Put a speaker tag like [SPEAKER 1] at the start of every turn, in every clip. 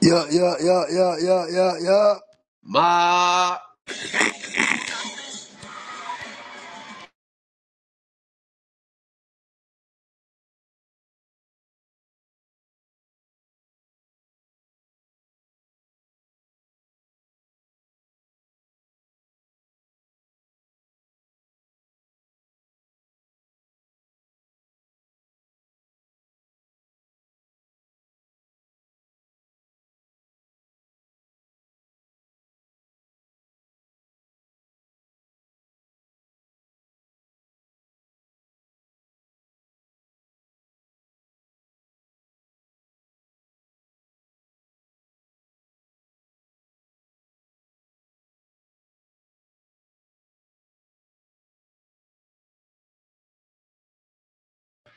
[SPEAKER 1] Yeah, yeah, yeah, yeah, yeah, yeah, yeah.
[SPEAKER 2] Ma,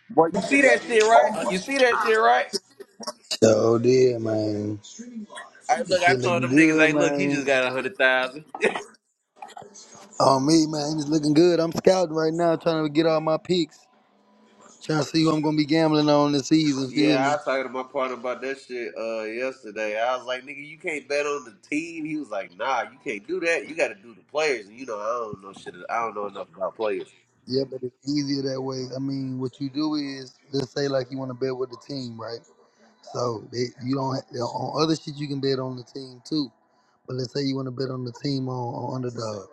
[SPEAKER 2] boy, you see that shit, right? You see that shit, right?
[SPEAKER 1] So did, man.
[SPEAKER 2] I
[SPEAKER 1] This
[SPEAKER 2] look, I
[SPEAKER 1] shit
[SPEAKER 2] told
[SPEAKER 1] looking
[SPEAKER 2] them niggas,
[SPEAKER 1] good,
[SPEAKER 2] hey, look, he
[SPEAKER 1] man.
[SPEAKER 2] just got a hundred thousand.
[SPEAKER 1] On me, man. It's looking good. I'm scouting right now, trying to get all my picks. Trying to see who I'm gonna be gambling on this season. Feel
[SPEAKER 2] Yeah,
[SPEAKER 1] me?
[SPEAKER 2] I talked to my partner about that shit uh yesterday. I was like, nigga, you can't bet on the team. He was like, nah, you can't do that. You got to do the players. And you know, I don't know shit. I don't know enough about players.
[SPEAKER 1] Yeah, but it's easier that way. I mean, what you do is, let's say like you want to bet with the team, right? So they, you don't ha- on other shit you can bet on the team too. But let's say you want to bet on the team on, on underdog.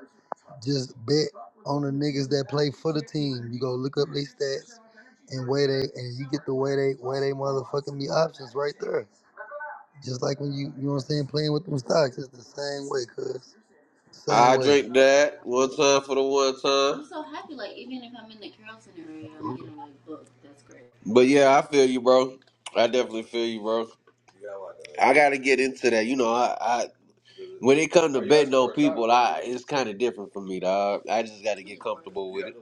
[SPEAKER 1] Just bet on the niggas that play for the team. You go look up their stats and weigh they and you get the way they way they motherfucking be options right there. Just like when you you know what I'm saying, playing with them stocks, it's the same way, cuz. Same
[SPEAKER 2] I
[SPEAKER 1] way.
[SPEAKER 2] drink that one time for the one time. I'm So happy, like like, even if I'm I'm in the Carrollton area, I'm getting like booked. that's great. But yeah, I feel you, bro. I definitely feel you, bro. I gotta get into that. You know, I, When it comes to betting on people, I it's kind of different for me, dog. I just got to get comfortable with it.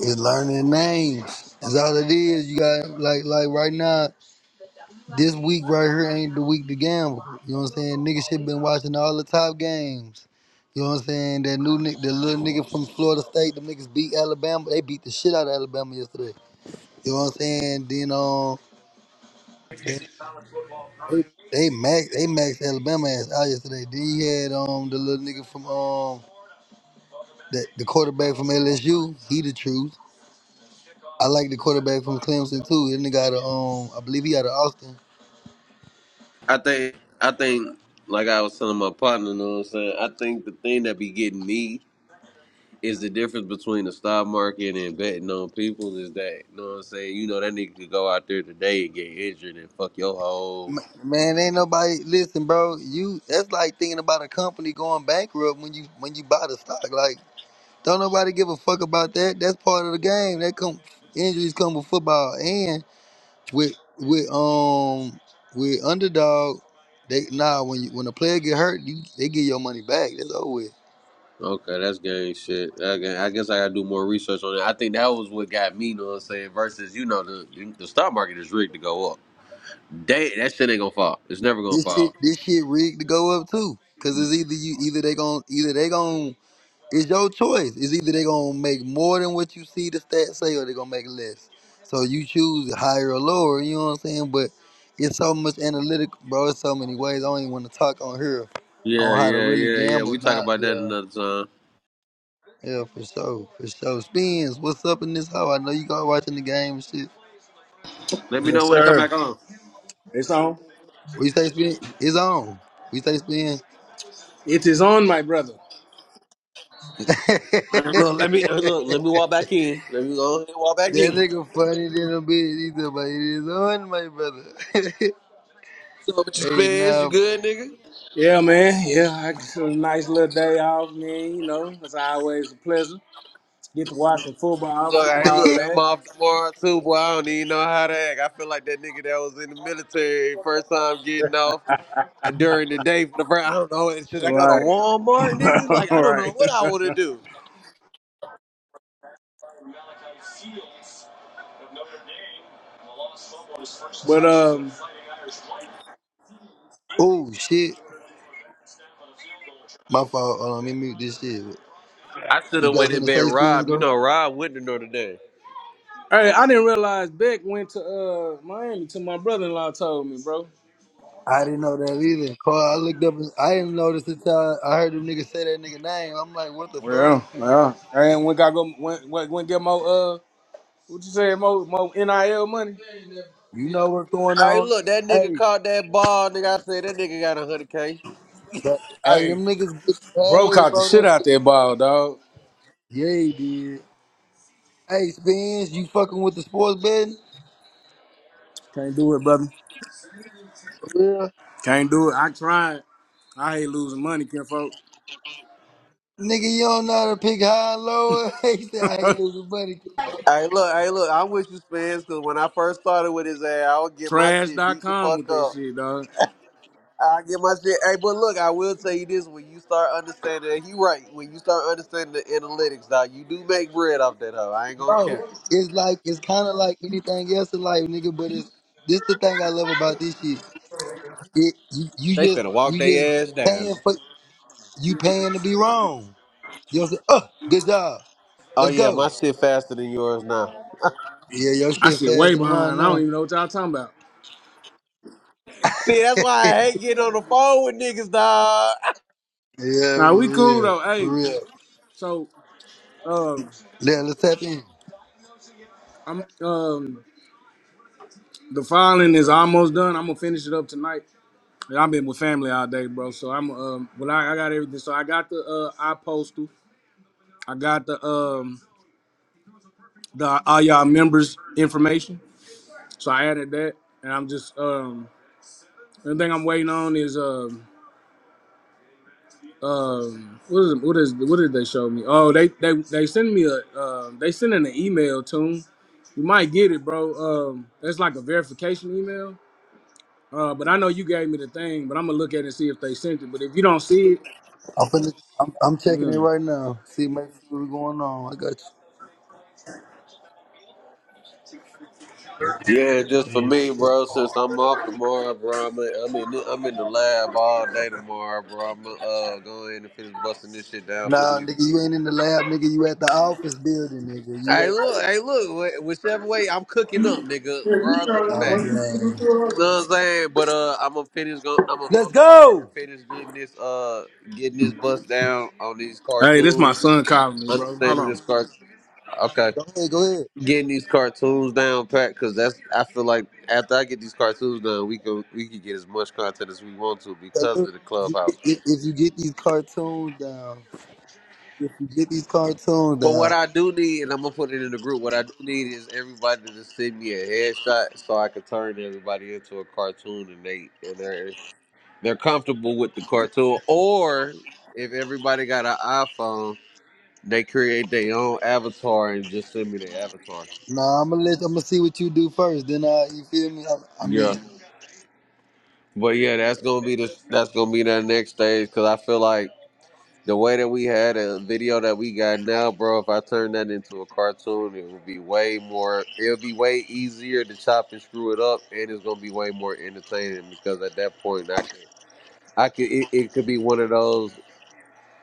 [SPEAKER 1] It's learning names. That's all it is. You got like like right now, this week right here ain't the week to gamble. You know what I'm saying? Niggas should been watching all the top games. You know what I'm saying? That new nigga, the little nigga from Florida State, the niggas beat Alabama. They beat the shit out of Alabama yesterday. You know what I'm saying? Then um, they they max they maxed Alabama ass out yesterday. Then you had um the little nigga from um the, the quarterback from LSU. He the truth. I like the quarterback from Clemson too. That nigga out of um I believe he out of Austin.
[SPEAKER 2] I think, I think, like I was telling my partner, you know what I'm saying. I think the thing that be getting me is the difference between the stock market and betting on people is that, you know what I'm saying. You know that nigga could go out there today and get injured and fuck your whole.
[SPEAKER 1] Ma- Man, ain't nobody listen, bro. You that's like thinking about a company going bankrupt when you when you buy the stock. Like don't nobody give a fuck about that. That's part of the game. That come injuries come with football, and with with um with underdog, they nah when you, when a player get hurt, you they get your money back. That's over with.
[SPEAKER 2] Okay, that's gang shit. Okay, I guess I gotta do more research on it. I think that was what got me, you know what I'm saying? Versus, you know, the the stock market is rigged to go up. They, that shit ain't gonna fall. It's never gonna
[SPEAKER 1] This shit
[SPEAKER 2] fall.
[SPEAKER 1] this shit rigged to go up too. Cause it's either you either they gon' either they gon' it's your choice. It's either they gonna make more than what you see the stats say or they gonna make less. So you choose higher or lower, you know what I'm saying? But it's so much analytic, bro. It's so many ways. I don't even want to talk on here
[SPEAKER 2] Yeah,
[SPEAKER 1] on how to
[SPEAKER 2] yeah,
[SPEAKER 1] really
[SPEAKER 2] yeah, yeah.
[SPEAKER 1] gamble.
[SPEAKER 2] We talk
[SPEAKER 1] Not
[SPEAKER 2] about that
[SPEAKER 1] yeah.
[SPEAKER 2] another time.
[SPEAKER 1] Yeah, for sure, for sure. Spins, what's up in this hoe? I know you guys watching the game and shit.
[SPEAKER 2] Let me
[SPEAKER 3] Yes,
[SPEAKER 2] know when it come
[SPEAKER 3] sir.
[SPEAKER 2] back on.
[SPEAKER 3] It's on.
[SPEAKER 1] We say spin, it's on. We say spin.
[SPEAKER 3] It is on, my brother.
[SPEAKER 2] Look, let me uh,
[SPEAKER 1] that
[SPEAKER 2] look. Let me walk back in. Let me go ahead and walk back in.
[SPEAKER 1] nigga funny than a bitch either, but it is on, my brother.
[SPEAKER 2] So, what you
[SPEAKER 1] hey,
[SPEAKER 2] spins? You
[SPEAKER 1] nah.
[SPEAKER 2] good, nigga?
[SPEAKER 3] Yeah, man. Yeah, I it's a nice little day off, man. You know, it's always a pleasure. Get to watch some football,
[SPEAKER 2] Look, hey,
[SPEAKER 3] football
[SPEAKER 2] look. I'm
[SPEAKER 3] back.
[SPEAKER 2] off tomorrow too, boy. I don't even know how to act. I feel like that nigga that was in the military first time getting off during the day for the first. I don't know. Should I go to
[SPEAKER 3] Right.
[SPEAKER 2] Walmart, nigga? Like, I
[SPEAKER 3] All
[SPEAKER 2] don't know
[SPEAKER 3] right.
[SPEAKER 2] what I want to do.
[SPEAKER 3] but um,
[SPEAKER 1] oh shit, my fault. Hold on, let me mute this shit.
[SPEAKER 2] I should
[SPEAKER 1] You
[SPEAKER 2] have
[SPEAKER 1] got
[SPEAKER 2] went
[SPEAKER 1] something
[SPEAKER 2] and
[SPEAKER 1] to
[SPEAKER 2] been
[SPEAKER 1] say, spin?
[SPEAKER 2] Rob.
[SPEAKER 1] Go
[SPEAKER 2] You
[SPEAKER 1] ahead.
[SPEAKER 2] know, Rob wouldn't know today.
[SPEAKER 3] hey, I didn't realize Beck went to uh Miami. To my brother-in-law told me, bro.
[SPEAKER 1] I didn't know that either. Cause I looked up, and I didn't notice until I heard them niggas say that nigga name. I'm like, what the fuck?
[SPEAKER 3] Well, well, and we gotta go. Went, went, went get more. Uh, what you say? More, more nil money.
[SPEAKER 1] You know what's going
[SPEAKER 2] Hey,
[SPEAKER 1] on?
[SPEAKER 2] look, that nigga
[SPEAKER 1] hey.
[SPEAKER 2] caught that ball, nigga. I said that nigga got a hundred k.
[SPEAKER 1] That, hey, them
[SPEAKER 3] Hey,
[SPEAKER 1] niggas get
[SPEAKER 3] bro,
[SPEAKER 1] paid,
[SPEAKER 3] caught the
[SPEAKER 1] bro.
[SPEAKER 3] shit
[SPEAKER 1] That
[SPEAKER 3] out
[SPEAKER 1] shit
[SPEAKER 3] that
[SPEAKER 1] crazy.
[SPEAKER 3] ball, dog.
[SPEAKER 1] Yeah, he did. Hey, Spence, you fucking with the sports betting?
[SPEAKER 3] Can't do it, brother.
[SPEAKER 1] For real?
[SPEAKER 3] Can't do it. I tried. I hate losing money, Ken folk.
[SPEAKER 1] Nigga, you don't know how to pick high and low. he said, I ain't losing money to it, bro.
[SPEAKER 2] Hey, look, hey, look. I'm with you, Spence, because when I first started with his ass, I would get my shit beat the
[SPEAKER 3] Trash.com
[SPEAKER 2] fuck
[SPEAKER 3] with that
[SPEAKER 2] up.
[SPEAKER 3] shit, dog.
[SPEAKER 2] I get my shit. Hey, but look, I will tell you this: when you start understanding, and he right. When you start understanding the analytics, dog, you do make bread off that hoe. I ain't gonna
[SPEAKER 1] Bro,
[SPEAKER 2] care.
[SPEAKER 1] it's like, it's kind of like anything else in life, nigga, but it's, this the thing I love about this shit. It, you, you
[SPEAKER 2] They
[SPEAKER 1] just,
[SPEAKER 2] finna walk
[SPEAKER 1] you just
[SPEAKER 2] their ass down.
[SPEAKER 1] paying for, you paying to be wrong. You know what I'm saying? Oh, good job.
[SPEAKER 2] Oh
[SPEAKER 1] Let's
[SPEAKER 2] yeah,
[SPEAKER 1] go.
[SPEAKER 2] my shit faster than yours now.
[SPEAKER 1] Yeah, your
[SPEAKER 3] I
[SPEAKER 1] shit
[SPEAKER 3] shit way
[SPEAKER 1] faster than mine
[SPEAKER 3] behind. I don't
[SPEAKER 1] now.
[SPEAKER 3] even know what y'all talking about.
[SPEAKER 2] See, that's why I hate getting on the phone with niggas, dog.
[SPEAKER 1] Yeah,
[SPEAKER 3] Now we
[SPEAKER 1] for
[SPEAKER 3] cool
[SPEAKER 1] real.
[SPEAKER 3] though.
[SPEAKER 1] For
[SPEAKER 3] Hey,
[SPEAKER 1] real.
[SPEAKER 3] so uh,
[SPEAKER 1] Yeah, let's tap in.
[SPEAKER 3] I'm um the filing is almost done. I'm gonna finish it up tonight. And I've been with family all day, bro. So I'm um well I, I got everything. So I got the uh postal. I got the um the all y'all members information. So I added that and I'm just um the thing I'm waiting on is um. um what is what is what did they show me? Oh, they they they send me a um they sending an email to 'em. You might get it, bro. Um, that's like a verification email. Uh, but I know you gave me the thing, but I'm gonna look at it and see if they sent it. But if you don't see it,
[SPEAKER 1] I'm, finna, I'm, I'm checking it
[SPEAKER 3] yeah.
[SPEAKER 1] right now. See, make sure what's going on. I got
[SPEAKER 2] Yeah, just
[SPEAKER 1] you.
[SPEAKER 2] for me,
[SPEAKER 1] Mm, shit.
[SPEAKER 2] bro. Since I'm off tomorrow, bro. I'm in, I'm in, I'm in the lab all day tomorrow, bro. I'm gonna uh, go ahead and finish busting this shit down for
[SPEAKER 1] Nah,
[SPEAKER 2] you.
[SPEAKER 1] nigga, you ain't in the lab, nigga. You at the office building, nigga. You
[SPEAKER 2] Hey,
[SPEAKER 1] at the.
[SPEAKER 2] look, hey, look. wh- Whichever way, I'm cooking up, nigga. Regardless of the
[SPEAKER 1] Oh,
[SPEAKER 2] fact,
[SPEAKER 1] damn.
[SPEAKER 2] you know what I'm saying. But uh, I'm gonna finish. Go, I'm gonna,
[SPEAKER 1] Let's
[SPEAKER 2] I'm gonna go ahead and
[SPEAKER 1] go.
[SPEAKER 2] finish getting this uh, getting this bust down on these
[SPEAKER 3] Hey, this my
[SPEAKER 2] cartoons.
[SPEAKER 3] son calling me, bro. Hold
[SPEAKER 2] Understanding
[SPEAKER 3] on.
[SPEAKER 2] this cartoon. okay.
[SPEAKER 1] Go ahead, go ahead.
[SPEAKER 2] getting these cartoons down pat because that's I feel like after I get these cartoons done, we can we can get as much content as we want to
[SPEAKER 1] So
[SPEAKER 2] because
[SPEAKER 1] look,
[SPEAKER 2] of the
[SPEAKER 1] if you, get,
[SPEAKER 2] clubhouse.
[SPEAKER 1] if, if you get these cartoons down, if you get these cartoons
[SPEAKER 2] But what
[SPEAKER 1] down,
[SPEAKER 2] I do need, and I'm gonna put it in the group, what I do need is everybody to send me a headshot so I can turn everybody into a cartoon and they and they're they're comfortable with the cartoon. Or if everybody got an iPhone, they create their own avatar and just send me their avatar.
[SPEAKER 1] nah, I'm gonna let I'm gonna see what you do first. Then I, you feel me? I, I
[SPEAKER 2] Yeah.
[SPEAKER 1] mean,
[SPEAKER 2] But yeah, that's gonna be the that's gonna be that next stage because I feel like The way that we had a video that we got now, bro, if I turn that into a cartoon, it would be way more, it'll be way easier to chop and screw it up, and it's going to be way more entertaining because at that point, I could, I could, it, it could be one of those,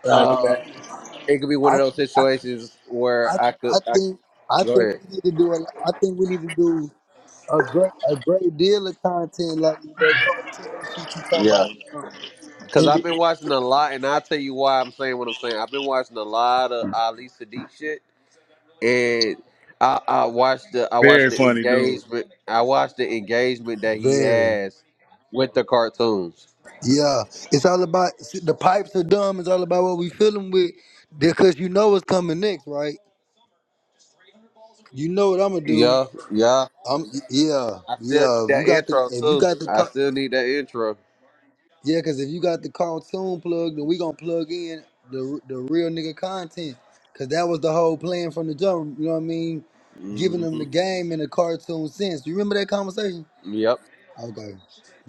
[SPEAKER 3] All Right,
[SPEAKER 2] uh,
[SPEAKER 3] okay.
[SPEAKER 2] it could be one of
[SPEAKER 1] I,
[SPEAKER 2] those
[SPEAKER 1] I,
[SPEAKER 2] situations
[SPEAKER 1] I,
[SPEAKER 2] where I could,
[SPEAKER 1] I
[SPEAKER 2] I
[SPEAKER 1] think, I
[SPEAKER 2] go
[SPEAKER 1] think
[SPEAKER 2] ahead.
[SPEAKER 1] we need to do a, I think we need to do. a great a great deal of content like that cartoon shit you talking
[SPEAKER 2] Yeah.
[SPEAKER 1] about. you know,
[SPEAKER 2] Because
[SPEAKER 1] And
[SPEAKER 2] I've been
[SPEAKER 1] then-
[SPEAKER 2] watching a lot, and I'll tell you why I'm saying what I'm saying. I've been watching a lot of Ali Sadiq shit. and I, I watched the I watched
[SPEAKER 3] Very
[SPEAKER 2] the
[SPEAKER 3] funny, dude.
[SPEAKER 2] engagement I watched the engagement that he
[SPEAKER 1] very.
[SPEAKER 2] has with the cartoons.
[SPEAKER 1] Yeah. It's all about see, the pipes are dumb, it's all about what we feeling with. Because you know what's coming next, right? You know what I'm gonna do.
[SPEAKER 2] Yeah, yeah.
[SPEAKER 1] I'm yeah,
[SPEAKER 2] I still need
[SPEAKER 1] yeah. If you
[SPEAKER 2] that
[SPEAKER 1] got the
[SPEAKER 2] intro
[SPEAKER 1] if you
[SPEAKER 2] too.
[SPEAKER 1] got the
[SPEAKER 2] I
[SPEAKER 1] car,
[SPEAKER 2] still need that intro.
[SPEAKER 1] yeah, cause if you got the cartoon plug, then we gonna plug in the the real nigga content. Cause that was the whole plan from the jump, you know what I mean?
[SPEAKER 2] hmm
[SPEAKER 1] Giving them the game in a cartoon sense. You remember that conversation?
[SPEAKER 2] Yep,
[SPEAKER 1] Okay.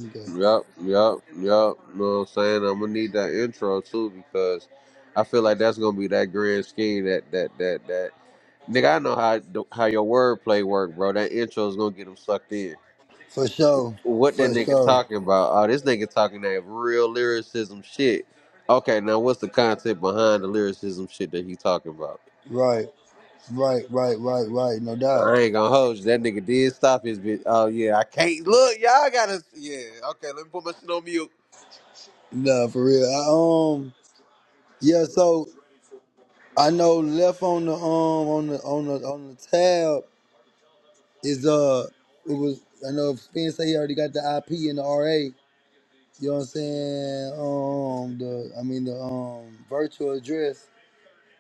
[SPEAKER 1] Okay.
[SPEAKER 2] yep, yep, yep. Know what I'm saying? I'm gonna need that intro too because I feel like that's gonna be that grand scheme that that that that. Nigga, I know how how your wordplay work, bro. That intro's gonna get them sucked in.
[SPEAKER 1] For sure.
[SPEAKER 2] What that
[SPEAKER 1] For
[SPEAKER 2] nigga
[SPEAKER 1] sure.
[SPEAKER 2] talking about? Oh, this nigga talking that real lyricism shit. Okay, now what's the concept behind the lyricism shit that he talking about?
[SPEAKER 1] Right. Right. Right. Right. Right. No
[SPEAKER 2] I
[SPEAKER 1] doubt.
[SPEAKER 2] ain't gonna hold you. That nigga did stop his bitch. Oh yeah, I can't look. Y'all gotta. Yeah. Okay, let me put my shit on mute.
[SPEAKER 1] No, for real. I, um. Yeah. So I know left on the um on the on the on the tab is uh it was I know Finn say he already got the IP and the RA. You know what I'm saying? Um. The I mean the um virtual address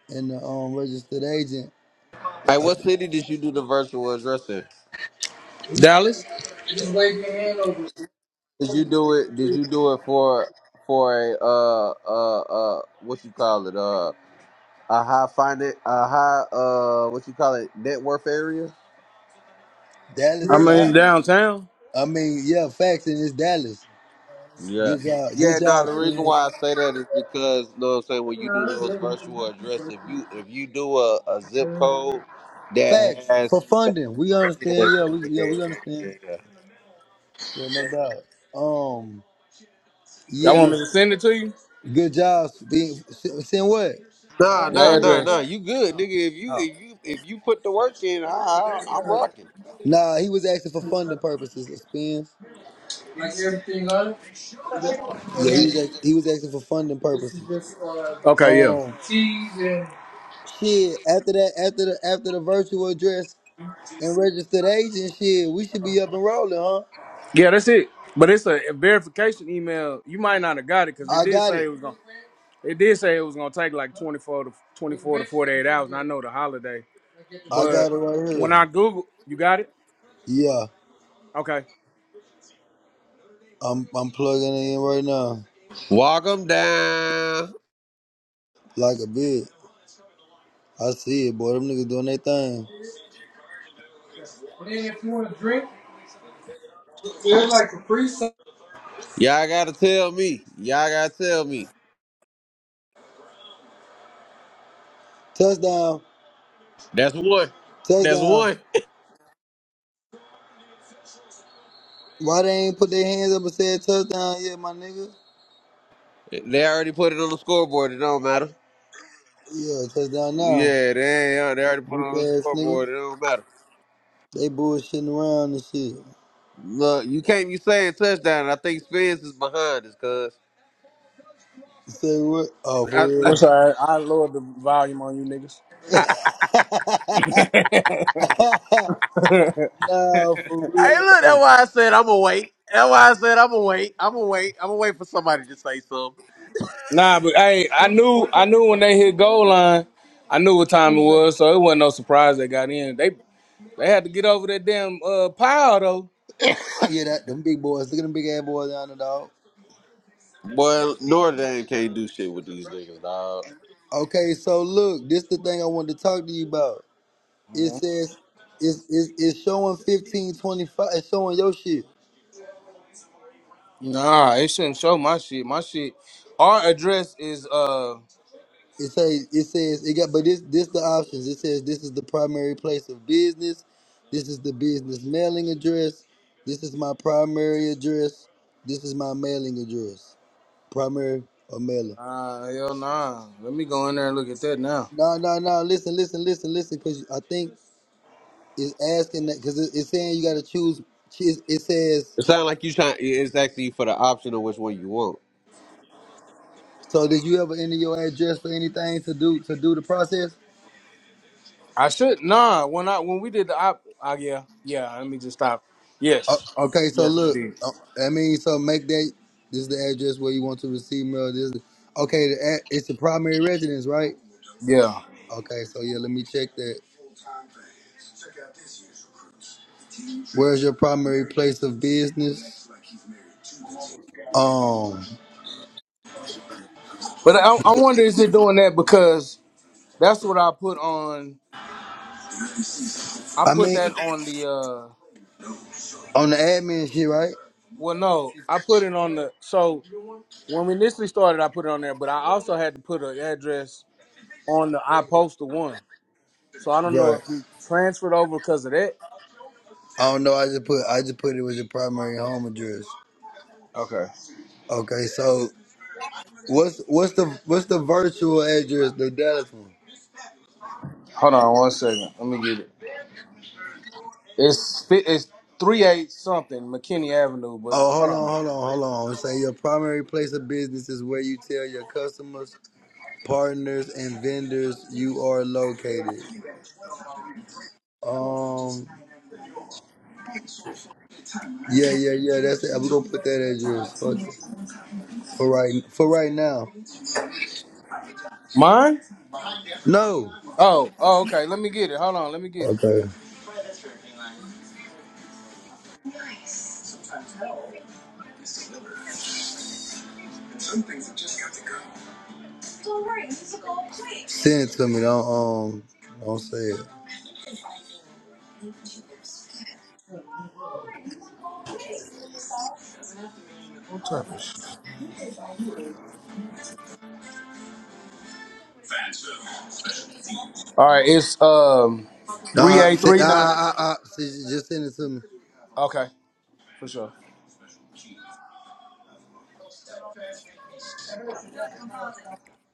[SPEAKER 1] and the um registered agent.
[SPEAKER 2] Hey,
[SPEAKER 1] Uh,
[SPEAKER 2] what city did you do the virtual address in?
[SPEAKER 3] Dallas,
[SPEAKER 2] Did you do it? Did you do it for for a uh uh uh what you call it uh a high finance a high uh what you call it net worth area?
[SPEAKER 1] Dallas is
[SPEAKER 3] I'm
[SPEAKER 1] a.
[SPEAKER 3] in downtown.
[SPEAKER 1] I mean yeah, facts and it's Dallas.
[SPEAKER 2] Yeah.
[SPEAKER 1] Good job. Good
[SPEAKER 2] Yeah, no,
[SPEAKER 1] job,
[SPEAKER 2] the reason
[SPEAKER 1] Finn.
[SPEAKER 2] why I say that is because you know what I'm saying, when you do those virtual address, if you if you do a, a zip code that
[SPEAKER 1] Facts for
[SPEAKER 2] has that,
[SPEAKER 1] funding. We
[SPEAKER 2] yeah, yeah,
[SPEAKER 1] understand. Yeah, we
[SPEAKER 2] yeah, yeah,
[SPEAKER 1] yeah we
[SPEAKER 2] yeah, yeah.
[SPEAKER 1] understand.
[SPEAKER 2] yeah.
[SPEAKER 1] Yeah, no doubt. Um,
[SPEAKER 3] Y'all want me to
[SPEAKER 1] yes,
[SPEAKER 3] send it to you?
[SPEAKER 1] good job. Being saying what?
[SPEAKER 2] Nah, nah,
[SPEAKER 3] Your
[SPEAKER 2] nah,
[SPEAKER 3] address.
[SPEAKER 2] nah. You good, nigga. If you
[SPEAKER 3] Oh.
[SPEAKER 2] if you if you put the work in, I, I I'm rocking.
[SPEAKER 1] Nah, he was asking for funding purposes. Spins.
[SPEAKER 3] Like everything on
[SPEAKER 1] Yeah, he was
[SPEAKER 3] it?
[SPEAKER 1] act- he was asking for funding
[SPEAKER 3] This is
[SPEAKER 1] purposes.
[SPEAKER 3] just uh, Okay, yeah.
[SPEAKER 1] Um,
[SPEAKER 3] T's and
[SPEAKER 1] shit. After that, after the after the virtual address and registered agent shit, we should be up and rolling, huh?
[SPEAKER 3] Yeah, that's it. But it's a, a verification email. You might not have got it because it
[SPEAKER 1] I
[SPEAKER 3] did
[SPEAKER 1] got
[SPEAKER 3] say
[SPEAKER 1] it.
[SPEAKER 3] it was gonna. It did say it was gonna take like twenty four to twenty four to forty eight hours. And I know the holiday,
[SPEAKER 1] I
[SPEAKER 3] but
[SPEAKER 1] got it right
[SPEAKER 3] when
[SPEAKER 1] here.
[SPEAKER 3] I Google, you got it.
[SPEAKER 1] Yeah,
[SPEAKER 3] Okay.
[SPEAKER 1] I'm I'm plugging it in right now
[SPEAKER 2] Walk them down.
[SPEAKER 1] like a bit. I see it, boy. Them niggas doing their thing.
[SPEAKER 3] and then if you want to drink, there's like a pre
[SPEAKER 2] Y'all gotta tell me. Y'all gotta tell me.
[SPEAKER 1] Touchdown.
[SPEAKER 2] That's one. That's
[SPEAKER 1] Touchdown.
[SPEAKER 2] one.
[SPEAKER 1] Why they ain't put their hands up and said touchdown yet, my nigga?
[SPEAKER 2] They already put it on the scoreboard. It don't matter.
[SPEAKER 1] Yeah, touchdown now.
[SPEAKER 2] Yeah, they they already put it
[SPEAKER 1] Weak
[SPEAKER 2] on the
[SPEAKER 1] ass nigga.
[SPEAKER 2] scoreboard. It don't matter.
[SPEAKER 1] They bullshitting around and shit.
[SPEAKER 2] Look, you can't be saying touchdown. and I think Spence is behind us, cuz.
[SPEAKER 1] Say what? Oh, for
[SPEAKER 2] I-
[SPEAKER 3] That's
[SPEAKER 1] real.
[SPEAKER 3] all right. I lowered the volume on you niggas.
[SPEAKER 1] Nah, for
[SPEAKER 2] Hey,
[SPEAKER 1] real.
[SPEAKER 2] look, that's why I said I'm gonna wait. That's why I said I'm gonna wait. I'm gonna wait. I'm gonna wait for somebody to say something.
[SPEAKER 3] Nah, but hey, I knew I knew when they hit goal line, I knew what time it was, so it wasn't no surprise they got in. They they had to get over that damn uh, pile though.
[SPEAKER 1] yeah, that them big boys. Look at them big ass boys down there, dog.
[SPEAKER 2] Boy, Notre Dame can't do shit with these niggas, dog.
[SPEAKER 1] Okay, so look, this the thing I wanted to talk to you about. It says it's it's, it's showing fifteen twenty five. It's showing your shit.
[SPEAKER 3] Nah, it shouldn't show my shit. My shit. Our address is uh.
[SPEAKER 1] It says it says it got but this this the options. It says this is the primary place of business. This is the business mailing address. This is my primary address. This is my mailing address. Primary or mailing.
[SPEAKER 3] Nah, hell nah. Let me go in there and look at that now.
[SPEAKER 1] No, no, no. Listen, listen, listen, listen. Because I think it's asking that because it, it's saying you got to choose. It, it says.
[SPEAKER 2] It sounds like you trying. It's actually for the option of which one you want.
[SPEAKER 1] So did you ever enter your address for anything to do to do the process?
[SPEAKER 3] I should nah. When I when we did the op, uh, yeah yeah. Let me just stop.
[SPEAKER 1] Uh,
[SPEAKER 3] Yes,
[SPEAKER 1] okay, so look, uh, I mean, so make that this is the address where you want to receive mail. This, is- okay, the, ad- it's the primary residence, right?
[SPEAKER 3] yeah.
[SPEAKER 1] Okay, so yeah, let me check that. Where's your primary place of business? Um,
[SPEAKER 3] But I, I wonder is it doing that because that's what I put on. I
[SPEAKER 1] I
[SPEAKER 3] put
[SPEAKER 1] mean,
[SPEAKER 3] that on the uh.
[SPEAKER 1] on the admin shit, right?
[SPEAKER 3] Well, no, I put it on the. So when we initially started, I put it on there, but I also had to put an address on the I posted one. So I don't know
[SPEAKER 1] Right.
[SPEAKER 3] if you transferred over because of that.
[SPEAKER 1] I don't know. I just put I just put it with your primary home address.
[SPEAKER 3] Okay.
[SPEAKER 1] Okay, so what's what's the what's the virtual address, the Dallas one?
[SPEAKER 3] Hold on one second. Let me get it. It's fi- it's three eight something McKinney Avenue, but
[SPEAKER 1] Oh,
[SPEAKER 3] hold on.
[SPEAKER 1] hold on, hold on, hold on. Say your primary place of business is where you tell your customers partners and vendors you are located. Um, yeah, yeah, yeah. That's it. We're gonna put that address. Fuck it. For right, for right now.
[SPEAKER 3] Mine?
[SPEAKER 1] No.
[SPEAKER 3] Oh, oh, okay. Let me get it. Hold on. Let me get it.
[SPEAKER 1] Okay. Send it to me. Don't um, don't say it.
[SPEAKER 3] What type of? sh- All right. It's um
[SPEAKER 1] No,
[SPEAKER 3] three
[SPEAKER 1] I,
[SPEAKER 3] eight
[SPEAKER 1] se- I,
[SPEAKER 3] three nine.
[SPEAKER 1] I, I, I- just send it to me.
[SPEAKER 3] Okay, for sure.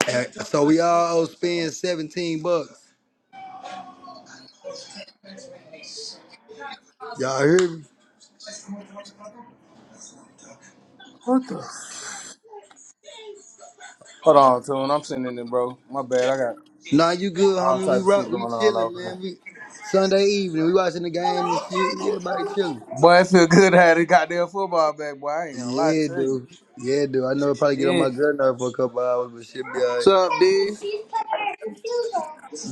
[SPEAKER 1] Eh, So we all spend seventeen bucks. Y'all hear me?
[SPEAKER 3] What the? Hold on, tune. I'm sending it, bro. My bad. I got.
[SPEAKER 1] Nah, you good,
[SPEAKER 3] All
[SPEAKER 1] homie. We
[SPEAKER 3] type of
[SPEAKER 1] rock.
[SPEAKER 3] shit
[SPEAKER 1] We
[SPEAKER 3] going on
[SPEAKER 1] chilling,
[SPEAKER 3] over here.
[SPEAKER 1] man. We Sunday evening. We watching the game and shit. We everybody chilling.
[SPEAKER 3] Boy, I feel good having the goddamn football back, boy. I ain't gonna lie
[SPEAKER 1] Yeah,
[SPEAKER 3] to you.
[SPEAKER 1] dude. Yeah, dude. I know it probably get on
[SPEAKER 3] Yeah.
[SPEAKER 1] my girl nerve for a couple hours, but she'll be alright.
[SPEAKER 2] What's up, D?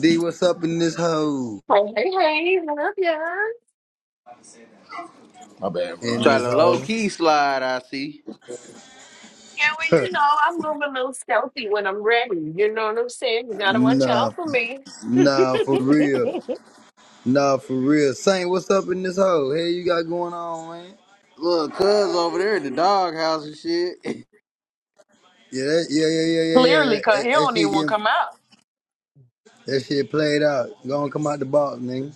[SPEAKER 1] D, what's up in this hoe?
[SPEAKER 4] Hey, hey, hey, what up, y'all?
[SPEAKER 3] My bad,
[SPEAKER 1] In
[SPEAKER 3] bro.
[SPEAKER 2] Try
[SPEAKER 1] this
[SPEAKER 2] to low
[SPEAKER 1] hoe?
[SPEAKER 2] key slide. I see.
[SPEAKER 4] Yeah, well, you know, I move a little stealthy when I'm ready. You know what I'm saying? You gotta watch
[SPEAKER 1] Nah,
[SPEAKER 4] out for me.
[SPEAKER 1] nah, for real. Nah, for real. Saint, what's up in this hoe? Hey, you got going on, man?
[SPEAKER 2] Look, cuz over there in the doghouse and shit.
[SPEAKER 1] Yeah, that, yeah, yeah, yeah, yeah, yeah.
[SPEAKER 4] Clearly,
[SPEAKER 1] That,
[SPEAKER 4] because he
[SPEAKER 1] that, that
[SPEAKER 4] don't
[SPEAKER 1] shit
[SPEAKER 4] even want to
[SPEAKER 1] getting,
[SPEAKER 4] come out.
[SPEAKER 1] that shit played out. Gonna come out the box, nigga.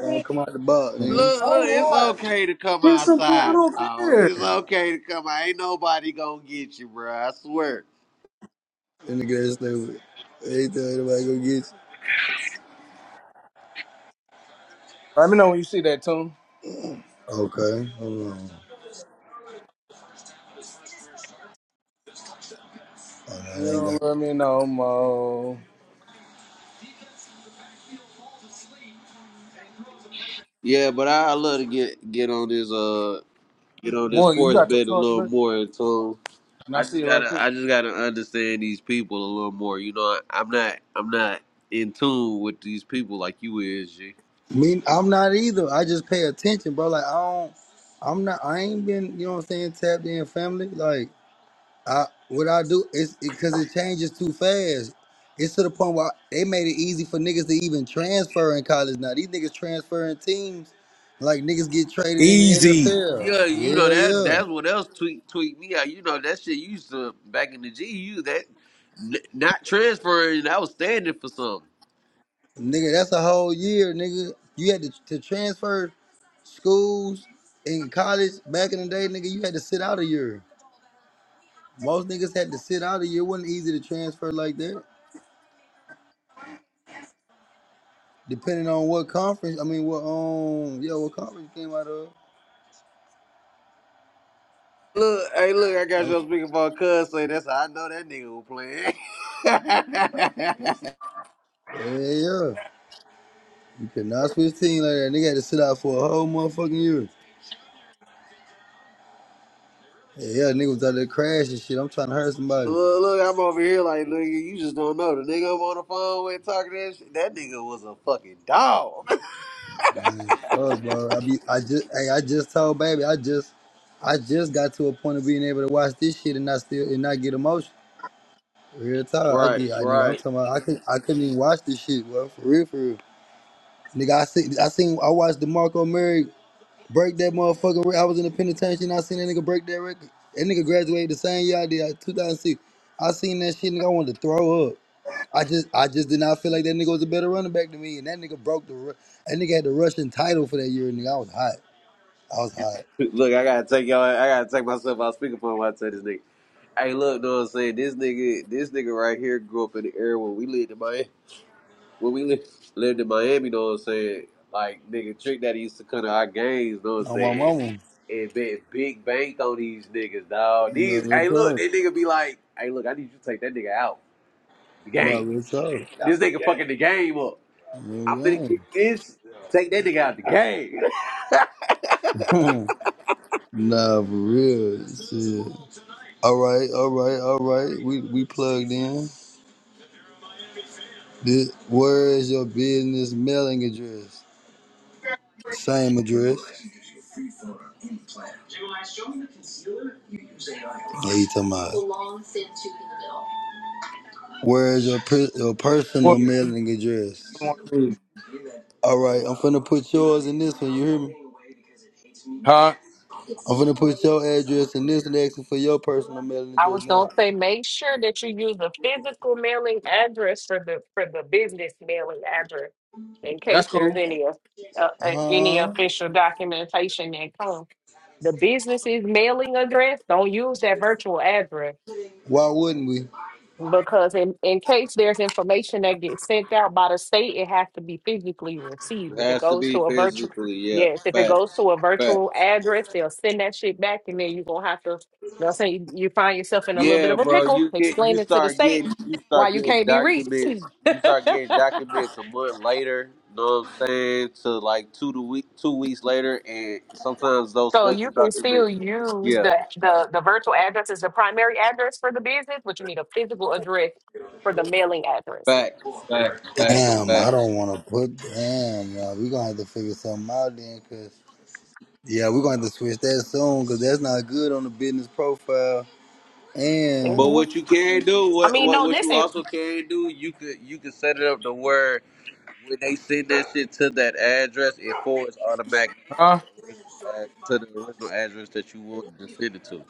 [SPEAKER 1] Gonna come out the box, nigga.
[SPEAKER 2] Look, look, it's okay to come
[SPEAKER 3] Get some pee. I
[SPEAKER 2] outside.
[SPEAKER 3] don't
[SPEAKER 2] Oh,
[SPEAKER 3] care.
[SPEAKER 2] it's okay to come out. Ain't nobody gonna get you, bro. I swear.
[SPEAKER 1] And nigga, that's stupid. Ain't tell anybody go get you.
[SPEAKER 3] Let me know when you see that tune.
[SPEAKER 1] Okay, hold on. Oh, no,
[SPEAKER 3] You
[SPEAKER 1] I ain't got.
[SPEAKER 3] don't let me know, more.
[SPEAKER 2] Yeah, but I I love to get get on this uh get on this
[SPEAKER 3] Boy, you
[SPEAKER 2] sports
[SPEAKER 3] got your
[SPEAKER 2] bet a
[SPEAKER 3] charger,
[SPEAKER 2] little
[SPEAKER 3] baby.
[SPEAKER 2] more in tune.
[SPEAKER 3] Can I
[SPEAKER 2] I
[SPEAKER 3] see
[SPEAKER 2] just
[SPEAKER 3] it right
[SPEAKER 2] gotta
[SPEAKER 3] quick?
[SPEAKER 2] I just gotta understand these people a little more. You know, I, I'm not I'm not in tune with these people like you is, G.
[SPEAKER 1] Me, I'm not either. I just pay attention, bro. Like I don't, I'm not. I ain't been, you know what I'm saying, tapped in family. Like I, what I do is because it, 'cause it changes too fast. It's to the point where they made it easy for niggas to even transfer in college now. These niggas transferring teams, like niggas get traded in the
[SPEAKER 3] Easy.
[SPEAKER 1] NFL.
[SPEAKER 2] Yeah, you know
[SPEAKER 1] Yeah,
[SPEAKER 2] that that's
[SPEAKER 1] yeah,
[SPEAKER 2] what else tweet tweet me out. You know that shit you used to back in the GU that n- not transferring, I was standing for something.
[SPEAKER 1] nigga, that's a whole year, nigga. You had to, to transfer schools in college back in the day, nigga. You had to sit out a year. Most niggas had to sit out of here. It wasn't easy to transfer like that. Depending on what conference, I mean, what um, yeah, what conference you came out of?
[SPEAKER 2] Look, hey, look, I got
[SPEAKER 1] I
[SPEAKER 2] your
[SPEAKER 1] mean,
[SPEAKER 2] speakerphone cuz say that's how I know that nigga was playing.
[SPEAKER 1] yeah, yeah. You could not switch team like that. Nigga had to sit out for a whole motherfucking year. Yeah, yeah, nigga was out there crashing shit. I'm trying to hurt somebody.
[SPEAKER 2] look, look, I'm over here like, nigga, you just don't know. The nigga I'm on the phone with talking that shit, that nigga was a fucking dog.
[SPEAKER 1] Fuck, bro. I be, I just, hey, I just told baby, I just, I just got to a point of being able to watch this shit and not still and not get emotional. Real talk, I
[SPEAKER 2] right,
[SPEAKER 1] get, I nigga, I'm
[SPEAKER 2] right.
[SPEAKER 1] talking about, I could, I couldn't even watch this shit, bro. For real, for real. Nigga, I seen, I seen, I watched DeMarco Murray break that motherfucking record. I was in the penitentiary and I seen that nigga break that record. That nigga graduated the same year I did, like, 2006. I seen that shit, nigga. I wanted to throw up. I just, I just did not feel like that nigga was a better running back than me. And that nigga broke the, Ru- that nigga had the Russian title for that year, nigga. I was hot. I was hot.
[SPEAKER 2] Look, I gotta take y'all, I gotta take myself out speakerphone when I tell this nigga. Hey, look, know what I'm saying? This nigga, this nigga right here grew up in the era when we lived in Miami. when we li- lived in Miami, you know what I'm saying? Like nigga trick that used to come to our games, you know what I'm
[SPEAKER 1] On my
[SPEAKER 2] saying?
[SPEAKER 1] mama.
[SPEAKER 2] And bet big bank on these niggas, dog.
[SPEAKER 1] Not
[SPEAKER 2] These
[SPEAKER 1] real
[SPEAKER 2] hey look,
[SPEAKER 1] talk.
[SPEAKER 2] that nigga be like, hey look, I need you to take that nigga out. The
[SPEAKER 1] Not
[SPEAKER 2] game.
[SPEAKER 1] real talk.
[SPEAKER 2] This nigga fucking the game up. I'm finna
[SPEAKER 1] Real
[SPEAKER 2] get this. Take that nigga out the game.
[SPEAKER 1] game. nah, for real. Shit. All right, all right, all right. We we plugged in. This, where is your business mailing address? Same address. What you talking about? Where is your per- your personal
[SPEAKER 3] What?
[SPEAKER 1] mailing address? All right, I'm finna put yours in this one. You hear me?
[SPEAKER 3] Huh?
[SPEAKER 1] I'm finna put your address in this and asking for your personal mailing
[SPEAKER 4] I
[SPEAKER 1] address
[SPEAKER 4] was
[SPEAKER 1] now.
[SPEAKER 4] gonna say, make sure that you use a physical mailing address for the for the business mailing address, in
[SPEAKER 3] That's
[SPEAKER 4] case
[SPEAKER 3] cool.
[SPEAKER 4] there's any of- uh, uh, any
[SPEAKER 1] Huh?
[SPEAKER 4] official documentation that comes. The business's mailing address don't use that virtual address.
[SPEAKER 1] Why wouldn't we?
[SPEAKER 4] because in, in case there's information that gets sent out by the state, it has to be physically received.
[SPEAKER 2] It
[SPEAKER 4] If it
[SPEAKER 2] has to
[SPEAKER 4] goes
[SPEAKER 2] be
[SPEAKER 4] to a virtual,
[SPEAKER 2] physically, yeah.
[SPEAKER 4] yes, if it goes
[SPEAKER 2] Facts.
[SPEAKER 4] to a
[SPEAKER 2] Facts.
[SPEAKER 4] virtual address, they'll send that shit back, and then you're gonna have to, they'll say you you find yourself in a little bit
[SPEAKER 2] Yeah,
[SPEAKER 4] of a
[SPEAKER 2] bro,
[SPEAKER 4] pickle,
[SPEAKER 2] you get you
[SPEAKER 4] explaining to the
[SPEAKER 2] start getting
[SPEAKER 4] state
[SPEAKER 2] you
[SPEAKER 4] why
[SPEAKER 2] start
[SPEAKER 4] you
[SPEAKER 2] getting
[SPEAKER 4] can't be reached.
[SPEAKER 2] documents. You start getting documents a month later. Know what I'm saying? To like two to week two weeks later, and sometimes those
[SPEAKER 4] so
[SPEAKER 2] special
[SPEAKER 4] you can still
[SPEAKER 2] documents.
[SPEAKER 4] use
[SPEAKER 2] Yeah,
[SPEAKER 4] the, the the virtual address as the primary address for the business, but you need a physical address for the mailing address.
[SPEAKER 2] fact, fact, fact,
[SPEAKER 1] Damn, I
[SPEAKER 2] fact.
[SPEAKER 1] don't want to put. Damn, y'all. we gonna have to figure something out then, cause yeah, we're gonna have to switch that soon, cause that's not good on the business profile.
[SPEAKER 2] But
[SPEAKER 1] And
[SPEAKER 4] Mhm.
[SPEAKER 2] what you can do,
[SPEAKER 4] I
[SPEAKER 2] what
[SPEAKER 4] mean,
[SPEAKER 2] what
[SPEAKER 4] no,
[SPEAKER 2] what you
[SPEAKER 4] listen,
[SPEAKER 2] also can do, you could you could set it up to where when they send that shit to that address, it forwards automatically to
[SPEAKER 3] Huh?
[SPEAKER 2] the original ad- to the original address that you want to send it to.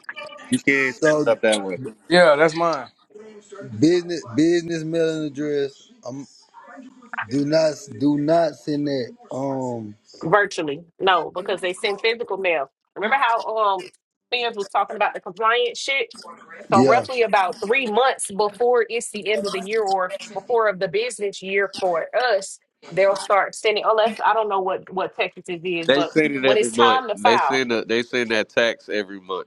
[SPEAKER 2] You can set it
[SPEAKER 1] so
[SPEAKER 2] up that way.
[SPEAKER 3] Yeah, that's mine.
[SPEAKER 1] Business business mailing address. Um, do not do not send that. Um,
[SPEAKER 4] virtually. No, because they send physical mail. Remember how um fans was talking about the compliance shit? So
[SPEAKER 1] yeah,
[SPEAKER 4] roughly about three months before it's the end of the year or before of the business year for us, they'll start sending unless I don't know what what Texas is,
[SPEAKER 2] They
[SPEAKER 4] but
[SPEAKER 2] send it
[SPEAKER 4] when
[SPEAKER 2] every
[SPEAKER 4] it's
[SPEAKER 2] month.
[SPEAKER 4] time to
[SPEAKER 2] They
[SPEAKER 4] file.
[SPEAKER 2] send a, they send that tax every month.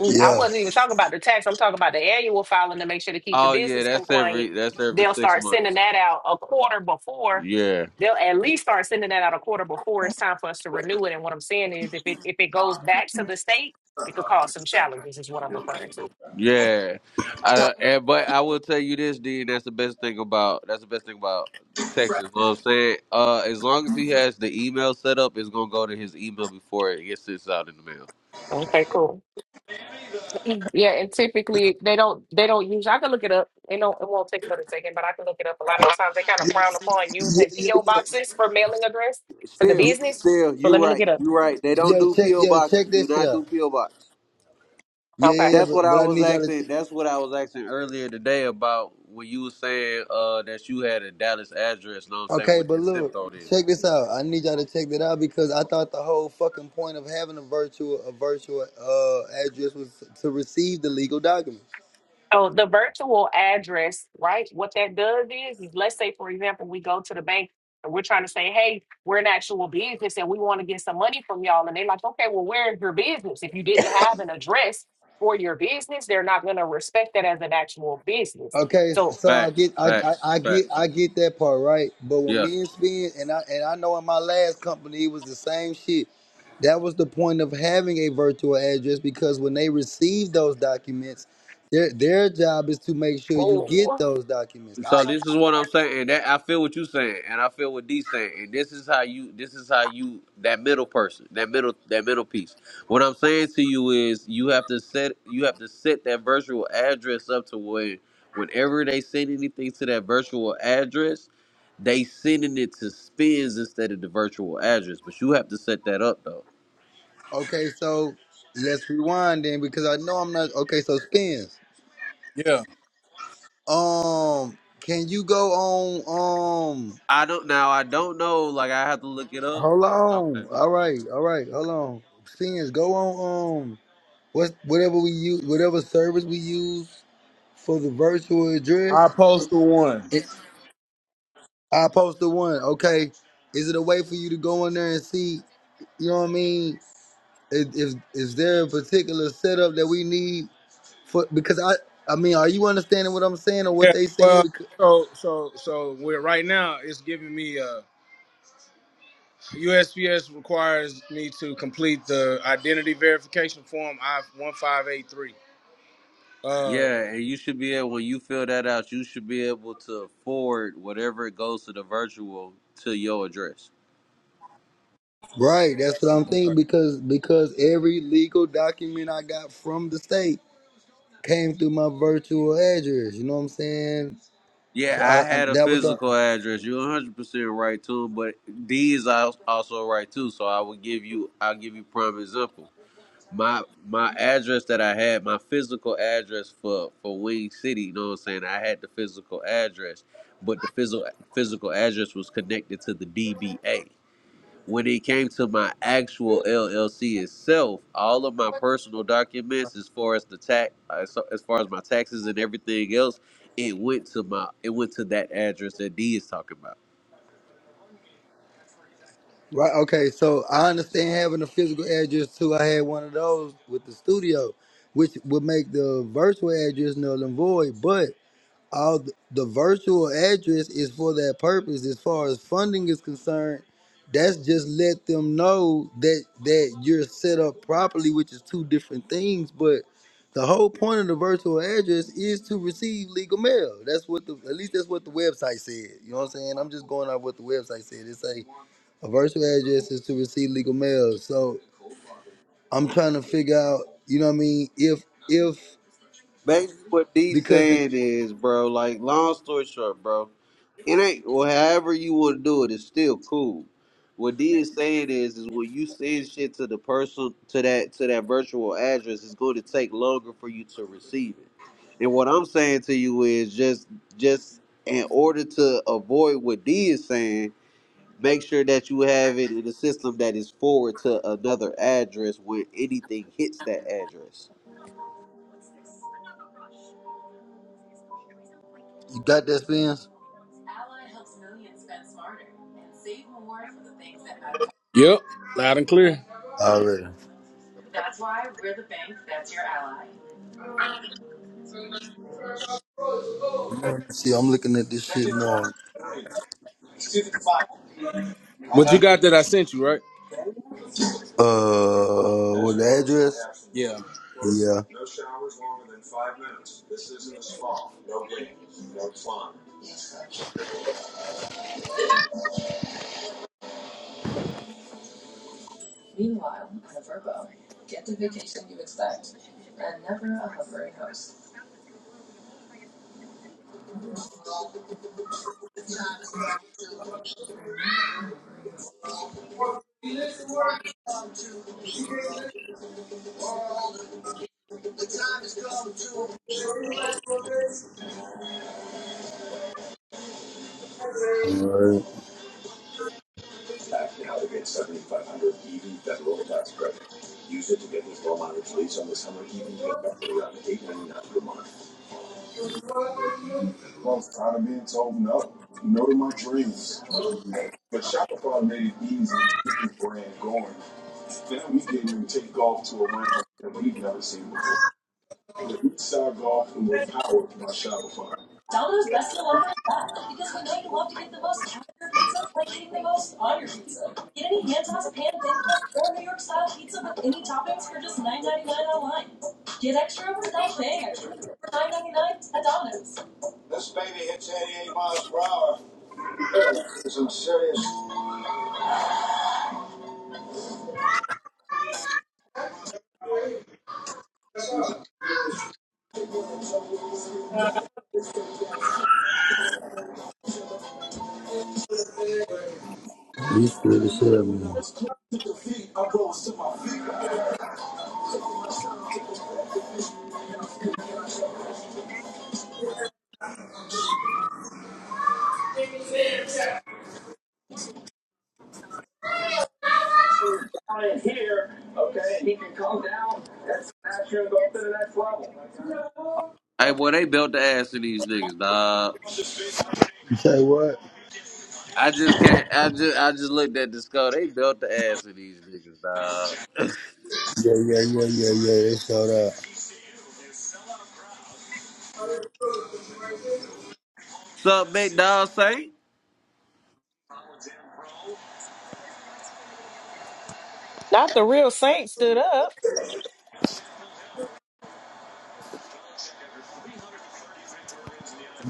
[SPEAKER 4] Mm, I
[SPEAKER 1] yeah,
[SPEAKER 4] wasn't even talking about the tax. I'm talking about the annual filing to make sure to keep the
[SPEAKER 2] Oh yeah,
[SPEAKER 4] business
[SPEAKER 2] that's every
[SPEAKER 4] compliant.
[SPEAKER 2] that's every
[SPEAKER 4] They'll
[SPEAKER 2] six
[SPEAKER 4] start sending
[SPEAKER 2] months.
[SPEAKER 4] that out a quarter before.
[SPEAKER 2] Yeah,
[SPEAKER 4] They'll at least start sending that out a quarter before it's time for us to renew it. And what I'm saying is, if it if it goes back to the state, it could cause some challenges. Is what I'm referring to.
[SPEAKER 2] yeah. I, and but I will tell you this, Dean. That's the best thing about that's the best thing about Texas. You know what I'm saying, uh, as long as he has the email set up, it's gonna go to his email before it gets sent out in the mail.
[SPEAKER 4] Okay, cool. Mhm. Yeah, and typically they don't they don't use. I can look it up. It don't it won't take but a second, but I can look it up. A lot of the times they kind of frown upon
[SPEAKER 1] yeah,
[SPEAKER 4] using
[SPEAKER 1] yeah,
[SPEAKER 4] PO
[SPEAKER 1] yeah.
[SPEAKER 4] boxes for mailing address for the
[SPEAKER 2] Still,
[SPEAKER 1] yeah.
[SPEAKER 4] business.
[SPEAKER 2] still,
[SPEAKER 4] But let
[SPEAKER 2] you
[SPEAKER 4] me look
[SPEAKER 2] right,
[SPEAKER 4] it up.
[SPEAKER 2] you right. They don't
[SPEAKER 1] Yo,
[SPEAKER 2] do
[SPEAKER 1] check,
[SPEAKER 2] PO
[SPEAKER 1] yo,
[SPEAKER 2] boxes.
[SPEAKER 1] check
[SPEAKER 2] Do
[SPEAKER 1] this shit
[SPEAKER 2] not
[SPEAKER 1] out.
[SPEAKER 2] do PO box.
[SPEAKER 1] Yeah,
[SPEAKER 4] Okay.
[SPEAKER 1] yeah, yeah.
[SPEAKER 2] That's what
[SPEAKER 1] But, but
[SPEAKER 2] I
[SPEAKER 1] I
[SPEAKER 2] was
[SPEAKER 1] need y'all to.
[SPEAKER 2] asking.
[SPEAKER 1] Check.
[SPEAKER 2] That's what I was asking earlier today about when you were saying uh, that you had a Dallas address. Know what I'm saying
[SPEAKER 1] Okay,
[SPEAKER 2] what
[SPEAKER 1] but
[SPEAKER 2] that zip
[SPEAKER 1] look,
[SPEAKER 2] code is.
[SPEAKER 1] check this out. I need y'all to check that out because I thought the whole fucking point of having a virtual a virtual uh address was to receive the legal document.
[SPEAKER 4] So the virtual address, right? What that does is, is let's say, for example, we go to the bank and we're trying to say, hey, we're an actual business and we want to get some money from y'all. And they're like, okay, well, where's your business? If you didn't have an address for your business, they're not going to respect that as an actual business.
[SPEAKER 1] Okay,
[SPEAKER 4] So,
[SPEAKER 1] so I
[SPEAKER 2] Facts,
[SPEAKER 1] get I, I
[SPEAKER 2] facts,
[SPEAKER 1] I get
[SPEAKER 2] facts.
[SPEAKER 1] I get that part right, but when
[SPEAKER 2] Yeah.
[SPEAKER 1] me and Spin and I and I know in my last company it was the same shit. That was the point of having a virtual address because when they receive those documents, their their job is to make sure you get
[SPEAKER 4] Oh.
[SPEAKER 1] those documents.
[SPEAKER 2] So
[SPEAKER 1] I
[SPEAKER 2] this is what I'm saying. That I feel what you're saying, and I feel what D's saying. And this is how you. This is how you. That middle person. That middle. That middle piece. What I'm saying to you is, you have to set. You have to set that virtual address up to where, whenever they send anything to that virtual address, they sending it to spins instead of the virtual address. But you have to set that up though.
[SPEAKER 1] okay, so let's rewind then because I know I'm not okay. So Spins,
[SPEAKER 3] Yeah.
[SPEAKER 1] um, can you go on um?
[SPEAKER 2] I don't. Now I don't know. Like I have to look it up.
[SPEAKER 1] Hold
[SPEAKER 2] Okay.
[SPEAKER 1] on. All
[SPEAKER 2] Okay.
[SPEAKER 1] right, all right. Hold on. Spins, go on. Um. What whatever we use, whatever service we use for the virtual
[SPEAKER 3] I
[SPEAKER 1] address,
[SPEAKER 3] posted one.
[SPEAKER 1] it, I post the one. Okay, is it a way for you to go in there and see? You know what I mean? If, if is there a particular setup that we need for? Because I I mean, are you understanding what I'm saying or what
[SPEAKER 3] Yeah,
[SPEAKER 1] they saying?
[SPEAKER 3] well,
[SPEAKER 1] Because,
[SPEAKER 3] so so so we're right now. It's giving me uh USPS requires me to complete the identity verification form I one five eight three. Uh,
[SPEAKER 2] Yeah, and you should be able when you fill that out, you should be able to forward whatever it goes to the virtual to your address.
[SPEAKER 1] right, that's what I'm
[SPEAKER 3] okay.
[SPEAKER 1] thinking. Because because every legal document I got from the state came through my virtual address. You know what I'm saying?
[SPEAKER 2] Yeah,
[SPEAKER 1] So I,
[SPEAKER 2] I
[SPEAKER 1] I
[SPEAKER 2] had a
[SPEAKER 1] that was the
[SPEAKER 2] physical address. You're 100 percent right too, but D is al- also right too. So I will give you, I'll give you prime example. My my address that I had, my physical address for for Wing City. You know what I'm saying? I had the physical address, but the physical physical address was connected to the DBA. When it came to my actual LLC itself, all of my personal documents, as far as the tax, as as far as my taxes and everything else, it went to my it went to that address that D is talking about.
[SPEAKER 1] Right. Okay. So I understand having a physical address too. I had one of those with the studio, which would make the virtual address null and void. But all th- the virtual address is for that purpose as far as funding is concerned that's just let them know that that you're set up properly which is two different things but the whole point of the virtual address is to receive legal mail that's what the at least that's what the website said you know what i'm saying i'm just going off what the website said it say a virtual address is to receive legal mail so i'm trying to figure out you know what i mean if if
[SPEAKER 2] Basically, what D
[SPEAKER 1] because it,
[SPEAKER 2] saying is, bro. Like, long story short, bro. It ain't. Well, however you want to do it, it's still cool. What D is saying is, is when you send shit to the person to that to that virtual address, it's going to take longer for you to receive it. And what I'm saying to you is just just in order to avoid what D is saying, make sure that you have it in a system that is forward to another address when anything hits that address.
[SPEAKER 1] you got that spins
[SPEAKER 3] Yep, loud and clear.
[SPEAKER 1] already See, I'm looking at this shit now.
[SPEAKER 3] But you got that I sent you, right?
[SPEAKER 1] Uh,
[SPEAKER 3] Yeah.
[SPEAKER 1] Alright. Domino's best deal ever is back because we know You love to get the most out of your pizza by getting the most on your pizza. Get any hand-tossed pan thin crust or New York-style pizza with any toppings for just nine ninety nine online. Get extra without paying extra for nine ninety nine at Domino's. You scared the shit out of me.
[SPEAKER 2] Hey, boy, they built the ass of these niggas, dog.
[SPEAKER 1] You say what?
[SPEAKER 2] I just can't. I just, I just looked at the skull. They built the ass of these niggas, dog.
[SPEAKER 1] Yeah, yeah, yeah, yeah, yeah. They showed up.
[SPEAKER 2] Sup, big dog, say?
[SPEAKER 4] not the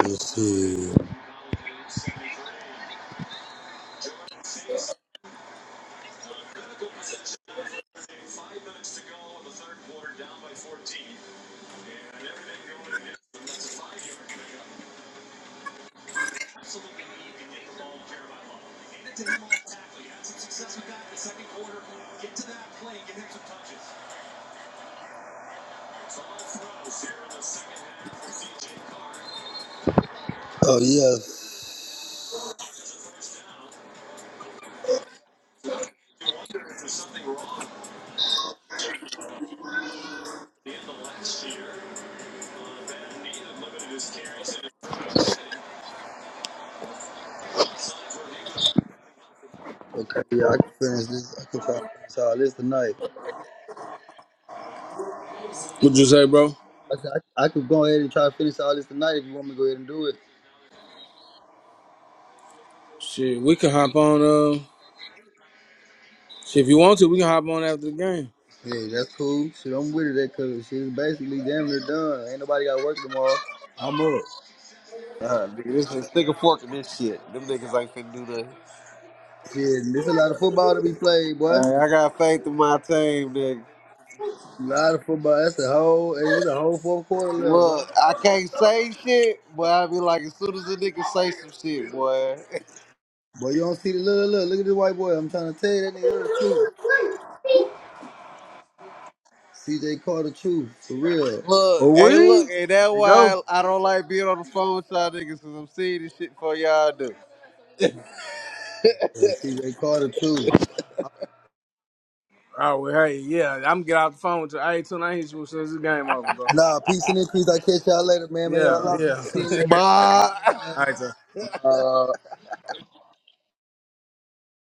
[SPEAKER 1] Let's see. Oh yes. Okay. Yeah, I can finish this. I can try to finish all this tonight.
[SPEAKER 3] What'd you say, bro?
[SPEAKER 1] I said I, I could go ahead and try to finish all this tonight if you want me to go ahead and do it.
[SPEAKER 3] Shit, we can hop on. Uh, shit, if you want to, we can hop on after the game.
[SPEAKER 1] Yeah, that's cool. Shit, I'm with it. That cause shit is basically damn near done. Ain't nobody got work tomorrow. I'm up.
[SPEAKER 2] Uh, nigga, this is stick a fork in this shit. Them niggas ain't finna do nothing.
[SPEAKER 1] Shit, there's a lot of football to be played, boy. A
[SPEAKER 2] Alright, I got faith in my team, nigga.
[SPEAKER 1] lot of football. That's a whole. And it's a whole fourth quarter left, boy.
[SPEAKER 2] Look, I can't say shit, but I be like, as soon as a nigga say some shit, boy.
[SPEAKER 1] Boy, you don't see the look, look, look at this white boy. I'm trying to tell you that nigga, that's the truth. CJ Carter, truth, for real.
[SPEAKER 2] Look,
[SPEAKER 3] Oh,
[SPEAKER 2] hey,
[SPEAKER 3] we?
[SPEAKER 2] look,
[SPEAKER 3] There
[SPEAKER 2] and that's
[SPEAKER 3] you go.
[SPEAKER 2] why I don't like being on the phone with y'all niggas, cause I'm seeing this shit before y'all do.
[SPEAKER 1] Yeah, CJ Carter too.
[SPEAKER 3] All right, well, hey, yeah, I'm gonna get off the phone with you. Hey, tonight, hit you as soon as this game over, bro.
[SPEAKER 1] Nah, peace and increase. I catch y'all later, man. May y'all
[SPEAKER 3] Yeah,
[SPEAKER 1] love.
[SPEAKER 3] yeah.
[SPEAKER 1] See you later.
[SPEAKER 2] Bye.
[SPEAKER 3] All right, sir.
[SPEAKER 1] Uh,